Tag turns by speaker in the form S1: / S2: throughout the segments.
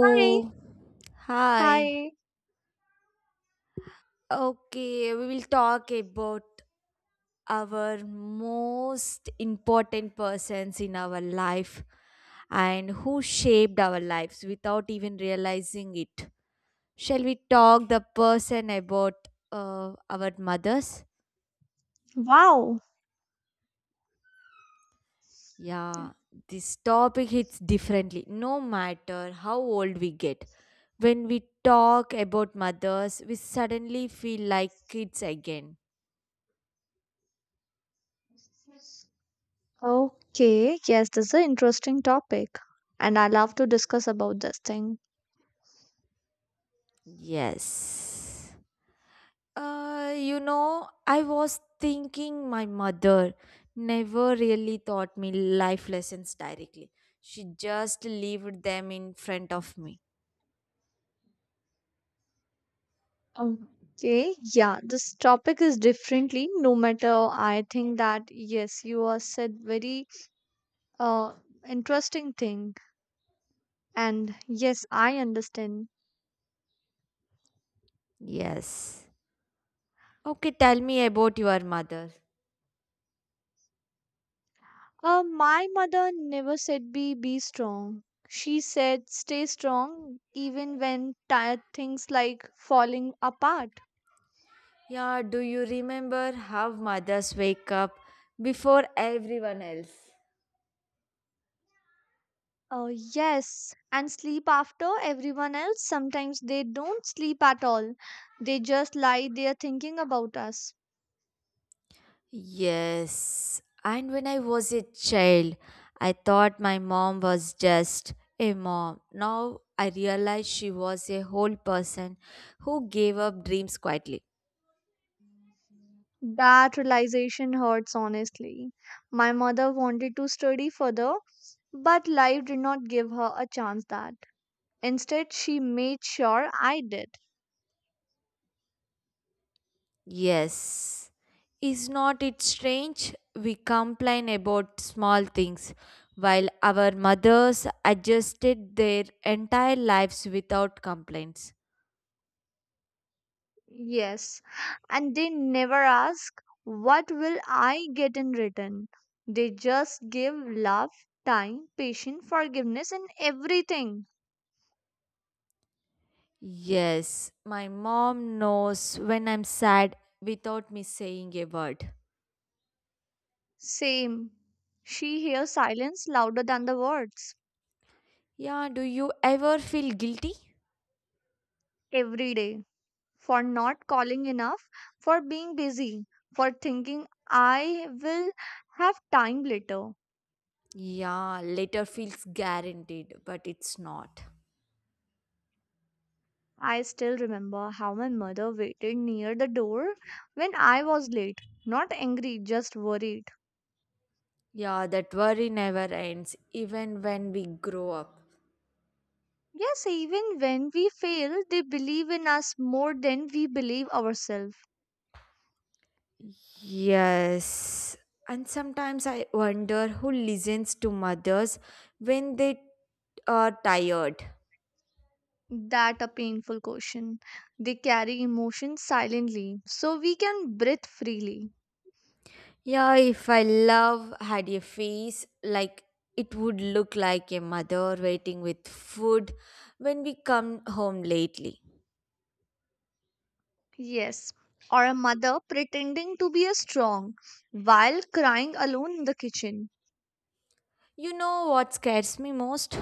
S1: Hi.
S2: Hi.
S1: Hi.
S2: Okay, we will talk about our most important persons in our life and who shaped our lives without even realizing it. Shall we talk the person about our mothers?
S1: Wow.
S2: Yeah, this topic hits differently no matter how old we get. When we talk about mothers, we suddenly feel like kids again.
S1: Okay. Yes, this is an interesting topic, and I love to discuss about this thing.
S2: Yes. I was thinking my mother never really taught me life lessons directly. She just leaved them in front of me.
S1: Okay. Yeah, this topic is differently. No matter, I think that yes, you are said very uh interesting thing, and yes, I understand.
S2: Yes. Okay, tell me about your mother.
S1: My mother never said be strong. She said stay strong even when tired things like falling apart.
S2: Yeah, do you remember how mothers wake up before everyone else?
S1: Oh, yes, and sleep after everyone else. Sometimes they don't sleep at all. They just lie there thinking about us.
S2: Yes, and when I was a child, I thought my mom was just a mom. Now I realize she was a whole person who gave up dreams quietly.
S1: That realization hurts, honestly. My mother wanted to study further, but life did not give her a chance that. Instead, she made sure I did.
S2: Yes, is not it strange? We complain about small things while our mothers adjusted their entire lives without complaints.
S1: Yes, and they never ask, what will I get in return? They just give love, time, patience, forgiveness, and everything.
S2: Yes, my mom knows when I'm sad without me saying a word.
S1: Same. She hears silence louder than the words
S2: Yeah, do you ever feel guilty?
S1: every day, for not calling enough, for being busy, for thinking I will have time later.
S2: Yeah, later feels guaranteed, but it's not.
S1: I still remember how my mother waited near the door when I was late. Not angry, just worried.
S2: Yeah, that worry never ends, even when we grow up.
S1: Yes, even when we fail, they believe in us more than we believe ourselves.
S2: Yes. And sometimes I wonder who listens to mothers when they are tired.
S1: That a painful question. They carry emotions silently, so we can breathe freely.
S2: Yeah, if I love had a face, like it would look like a mother waiting with food when we come home lately.
S1: Yes. Or a mother pretending to be a strong while crying alone in the kitchen.
S2: You know what scares me most?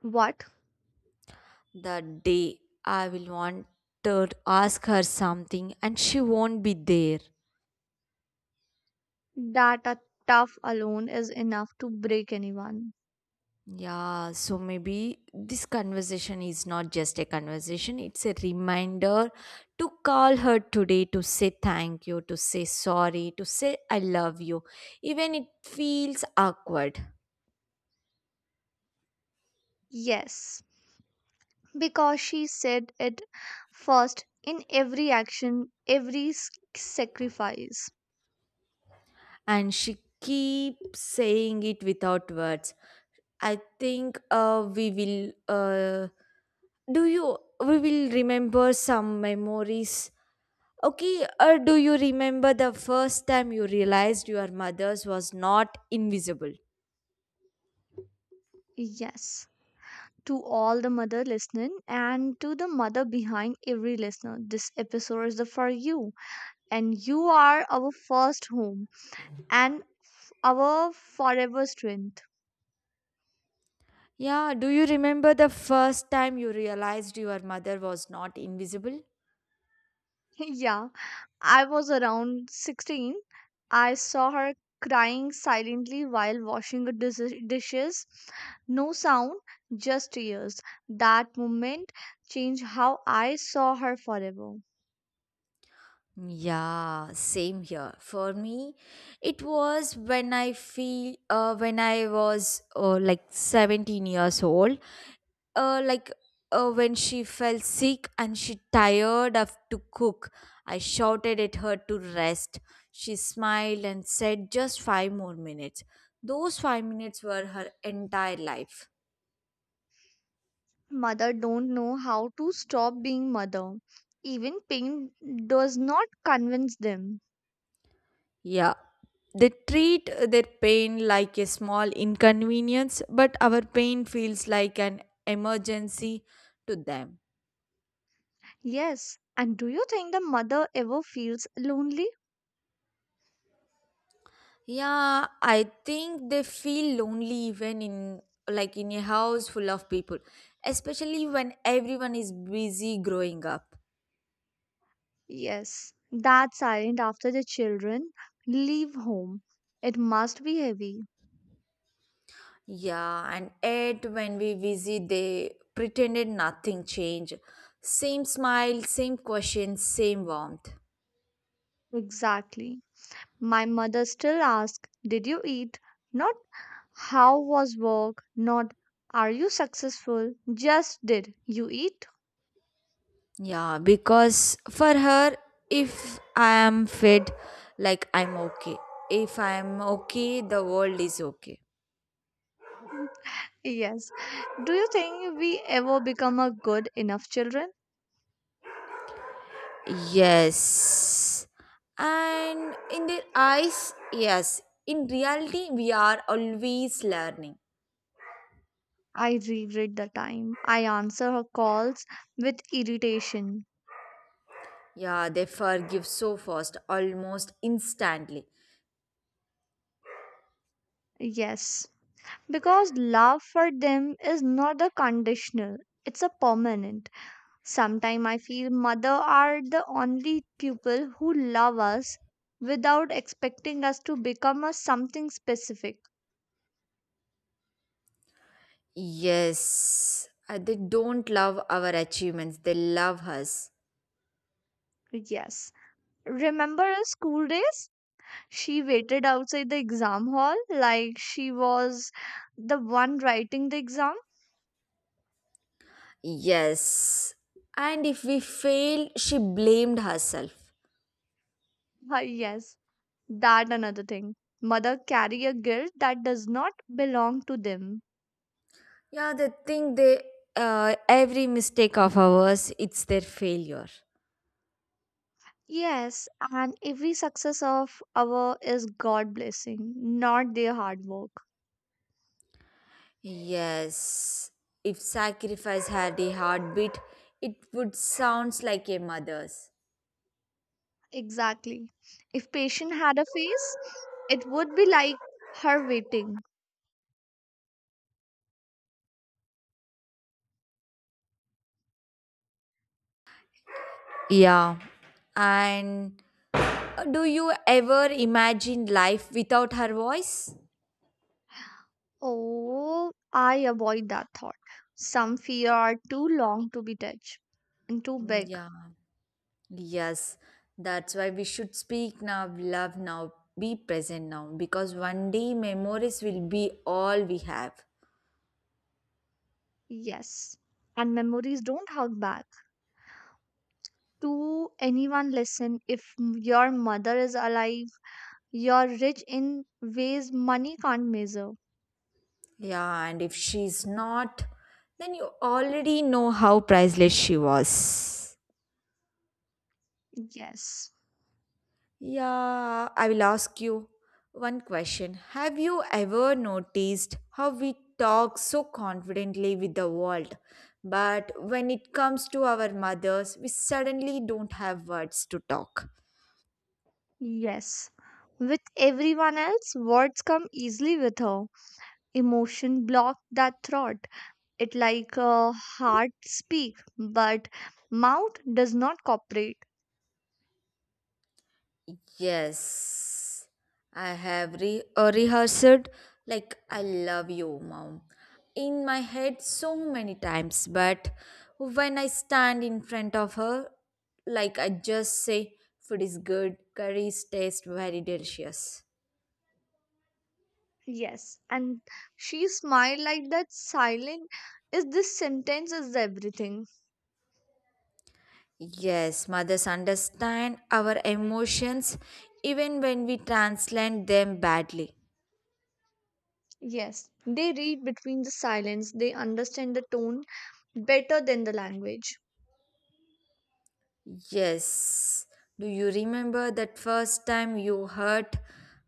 S1: What?
S2: The day I will want to ask her something and she won't be there.
S1: That a tough alone is enough to break anyone.
S2: Yeah, so maybe this conversation is not just a conversation, it's a reminder to call her today to say thank you, to say sorry, to say I love you, even it feels awkward.
S1: Yes. Because she said it first in every action, every sacrifice.
S2: And she keeps saying it without words. I think we will. Do you? We will remember some memories. Okay, do you remember the first time you realized your mother's was not invisible?
S1: Yes, to all the mother listening and to the mother behind every listener. This episode is for you, and you are our first home and our forever strength.
S2: Yeah, do you remember the first time you realized your mother was not invisible?
S1: Yeah, I was around 16. I saw her crying silently while washing the dishes. No sound, just tears. That moment changed how I saw her forever.
S2: Yeah, same here. For me, it was when I feel when I was like 17 years old, uh, like when she fell sick and she tired of to cook. I shouted at her to rest. She smiled and said just 5 more minutes. Those 5 minutes were her entire life.
S1: Mother don't know how to stop being mother. Even pain does not convince them.
S2: Yeah, they treat their pain like a small inconvenience, but our pain feels like an emergency to them.
S1: Yes, and do you think the mother ever feels lonely?
S2: Yeah, I think they feel lonely even in, like, in a house full of people, especially when everyone is busy growing up.
S1: Yes, that silent after the children leave home. It must be heavy.
S2: Yeah, and yet when we visit, they pretended nothing changed. Same smile, same question, same warmth.
S1: Exactly. My mother still asks, did you eat? Not how was work, not are you successful? Just did you eat?
S2: Yeah, because for her, if I am fed, like, I'm okay. If I'm okay, the world is okay.
S1: Yes. Do you think we ever become a good enough children?
S2: Yes. And in their eyes, yes. In reality, we are always learning.
S1: I regret the time. I answer her calls with irritation.
S2: Yeah, they forgive so fast, almost instantly.
S1: Yes. Because love for them is not a conditional, it's a permanent. Sometimes I feel mother are the only people who love us without expecting us to become a something specific.
S2: Yes. They don't love our achievements, they love us.
S1: Yes. Remember our school days? She waited outside the exam hall like she was the one writing the exam.
S2: Yes. And if we fail, she blamed herself.
S1: Ah, yes, that another thing. Mother carry a guilt that does not belong to them.
S2: Yeah, they think they, every mistake of ours, it's their failure.
S1: Yes, and every success of our is God blessing, not their hard work.
S2: Yes, if sacrifice had a heartbeat, it would sounds like a mother's.
S1: Exactly. If patient had a face, it would be like her waiting.
S2: Yeah. And do you ever imagine life without her voice?
S1: Oh, I avoid that thought. Some fear are too long to be touched and too
S2: Mm,
S1: big.
S2: yeah, yes. That's why we should speak now, love now, be present now, because one day memories will be all we have.
S1: Yes. And memories don't hug back to anyone. Listen, if your mother is alive, you're rich in ways money can't measure.
S2: Yeah, and if she's not, then you already know how priceless she was.
S1: Yes.
S2: Yeah, I will ask you one question. Have you ever noticed how we talk so confidently with the world, but when it comes to our mothers, we suddenly don't have words to talk?
S1: Yes. With everyone else, words come easily with her. Emotion block that throat. It like a heart speak, but mouth does not cooperate.
S2: Yes, I have rehearsed, like, I love you, mom, in my head so many times, but when I stand in front of her, like, I just say, food is good, curries taste very delicious.
S1: Yes. And she smiled like that silent is this sentence is everything.
S2: Yes, mothers understand our emotions even when we translate them badly.
S1: Yes, they read between the silence, they understand the tone better than the language.
S2: Yes. Do you remember that first time you hurt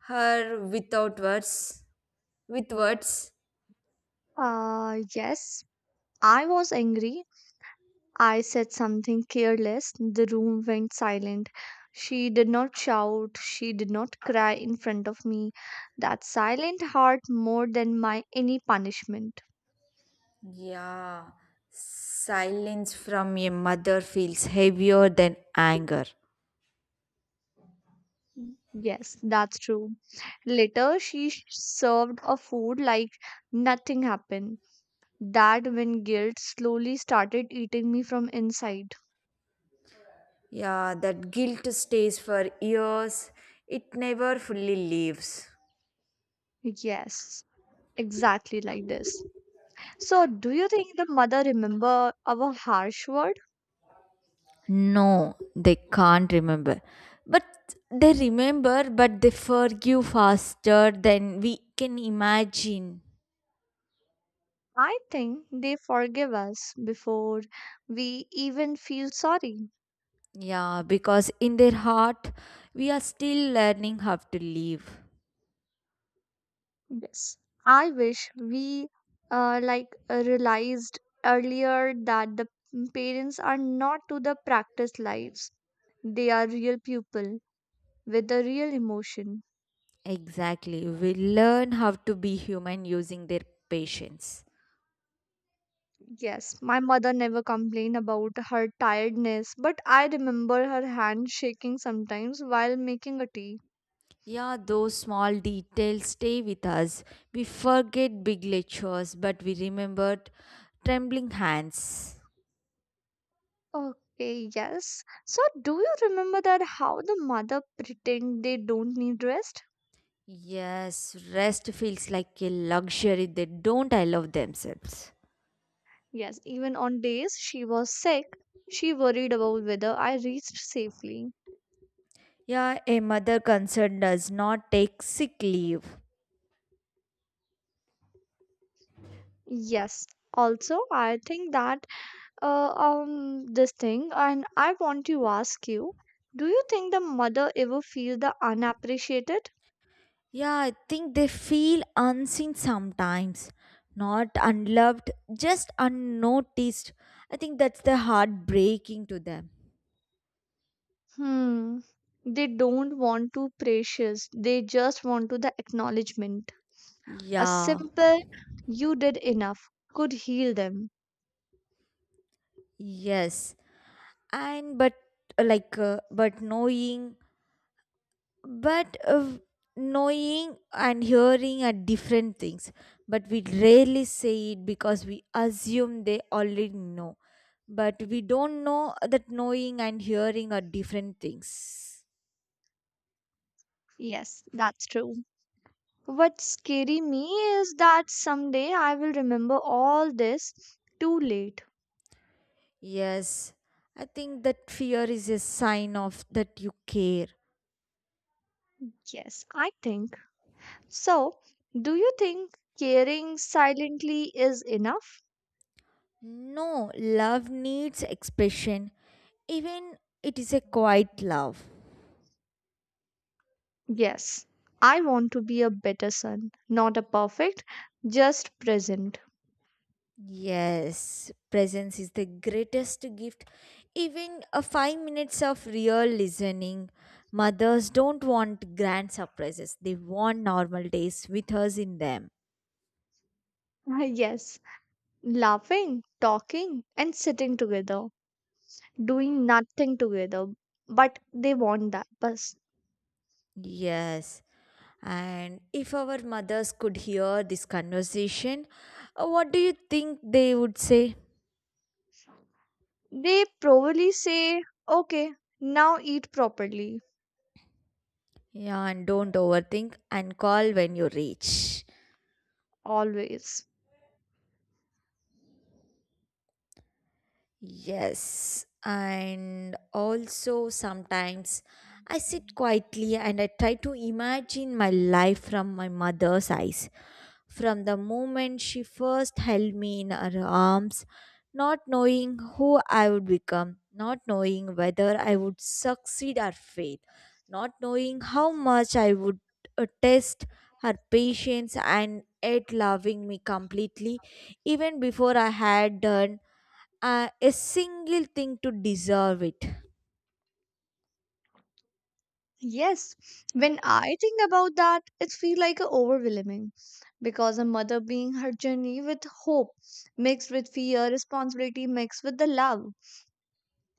S2: her without words? With words?
S1: Yes, I was angry. I said something careless. The room went silent. She did not shout. She did not cry in front of me. That silent hurt more than my any punishment.
S2: Yeah. Silence from a mother feels heavier than anger.
S1: Yes, that's true. Later, she served a food like nothing happened. That when guilt slowly started eating me from inside.
S2: Yeah, that guilt stays for years. It never fully leaves.
S1: Yes, exactly like this. So, do you think the mother remember our harsh word?
S2: No, they can't remember. But they remember, but they forgive faster than we can imagine.
S1: I think they forgive us before we even feel sorry.
S2: Yeah, because in their heart, we are still learning how to live.
S1: Yes. I wish we realized earlier that the parents are not to the practice lives. They are real people with a real emotion.
S2: Exactly. We learn how to be human using their patience.
S1: Yes, my mother never complained about her tiredness, but I remember her hand shaking sometimes while making a tea.
S2: Yeah, those small details stay with us. We forget big lectures, but we remembered trembling hands.
S1: Okay, yes. So, do you remember that how the mother pretend they don't need rest?
S2: Yes, rest feels like a luxury they don't allow themselves.
S1: Yes, even on days she was sick, she worried about whether I reached safely.
S2: Yeah, a mother concerned does not take sick leave.
S1: Yes. Also, I think that this thing, and I want to ask you, do you think the mother ever feel the unappreciated?
S2: Yeah, I think they feel unseen sometimes, not unloved, just unnoticed. I think that's the heartbreaking to them.
S1: Hmm. They don't want to precious. They just want to the acknowledgement. A
S2: Yeah,
S1: simple you did enough could heal them.
S2: yes. And but like, but knowing, but knowing and hearing are different things, but we rarely say it because we assume they already know. But we don't know that knowing and hearing are different things.
S1: Yes, that's true. What scary me is that someday I will remember all this too late.
S2: Yes, I think that fear is a sign of that you care.
S1: Yes, I think. So, do you think caring silently is enough?
S2: No, love needs expression, even it is a quiet love.
S1: Yes. I want to be a better son, not a perfect, just present.
S2: Yes, presence is the greatest gift. Even a 5 minutes of real listening. Mothers don't want grand surprises, they want normal days with us in them.
S1: Yes, laughing, talking, and sitting together, doing nothing together. But they want that. But
S2: Yes. And if our mothers could hear this conversation, what do you think they would say?
S1: they probably say, okay, now eat properly,
S2: Yeah, and don't overthink and call when you reach.
S1: always.
S2: Yes, and also sometimes I sit quietly and I try to imagine my life from my mother's eyes. From the moment she first held me in her arms, not knowing who I would become, not knowing whether I would succeed or fail, not knowing how much I would test her patience and yet loving me completely even before I had done a single thing to deserve it.
S1: Yes, when I think about that, it feels like a overwhelming because a mother being her journey with hope mixed with fear, responsibility mixed with the love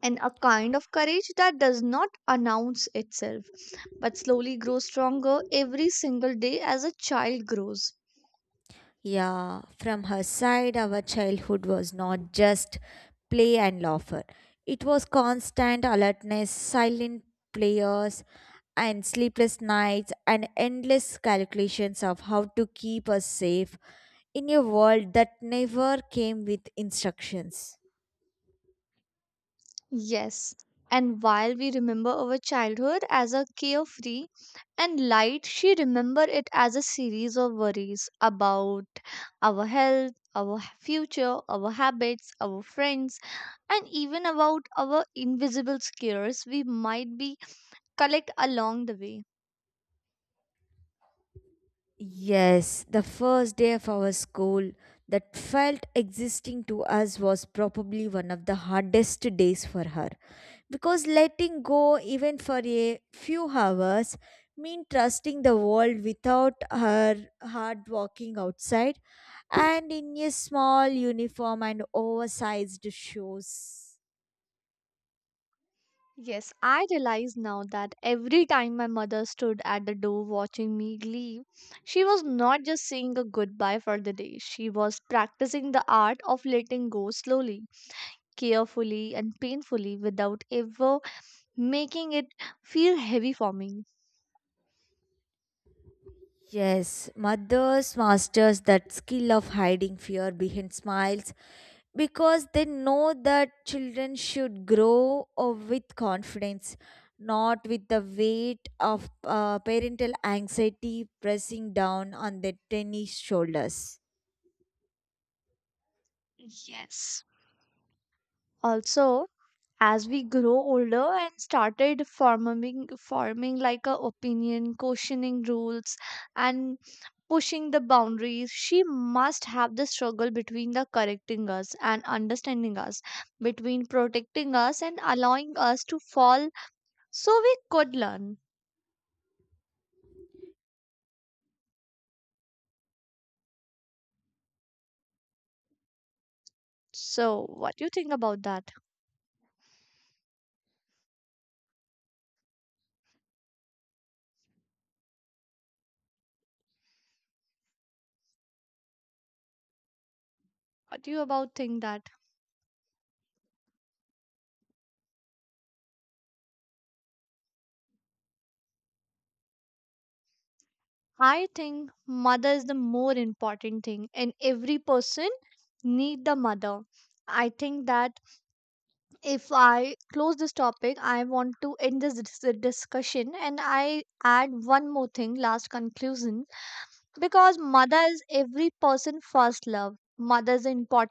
S1: and a kind of courage that does not announce itself, but slowly grow stronger every single day as a child grows.
S2: Yeah, from her side, our childhood was not just play and laughter, it was constant alertness, silent players, and sleepless nights, and endless calculations of how to keep us safe in a world that never came with instructions.
S1: Yes, and while we remember our childhood as a carefree and light, she remember it as a series of worries about our health, our future, our habits, our friends, and even about our invisible scares we might be collect along the way.
S2: Yes, the first day of our school that felt existing to us was probably one of the hardest days for her because letting go even for a few hours mean trusting the world without her hard walking outside and in a small uniform and oversized shoes.
S1: Yes, I realize now that every time my mother stood at the door watching me leave, she was not just saying a goodbye for the day, she was practicing the art of letting go slowly, carefully, and painfully without ever making it feel heavy for me.
S2: Yes, mothers masters that skill of hiding fear behind smiles because they know that children should grow with confidence, not with the weight of parental anxiety pressing down on their tiny shoulders.
S1: Yes. Also, as we grow older and started forming like a opinion, questioning rules, and pushing the boundaries. She must have the struggle between the correcting us and understanding us, between protecting us and allowing us to fall so we could learn. So, what do you think about that? What do you about think that? I think mother is the more important thing, and every person need the mother. I think that if I close this topic, I want to end this discussion, and I add one more thing, last conclusion, because mother is every person first love, mother is an important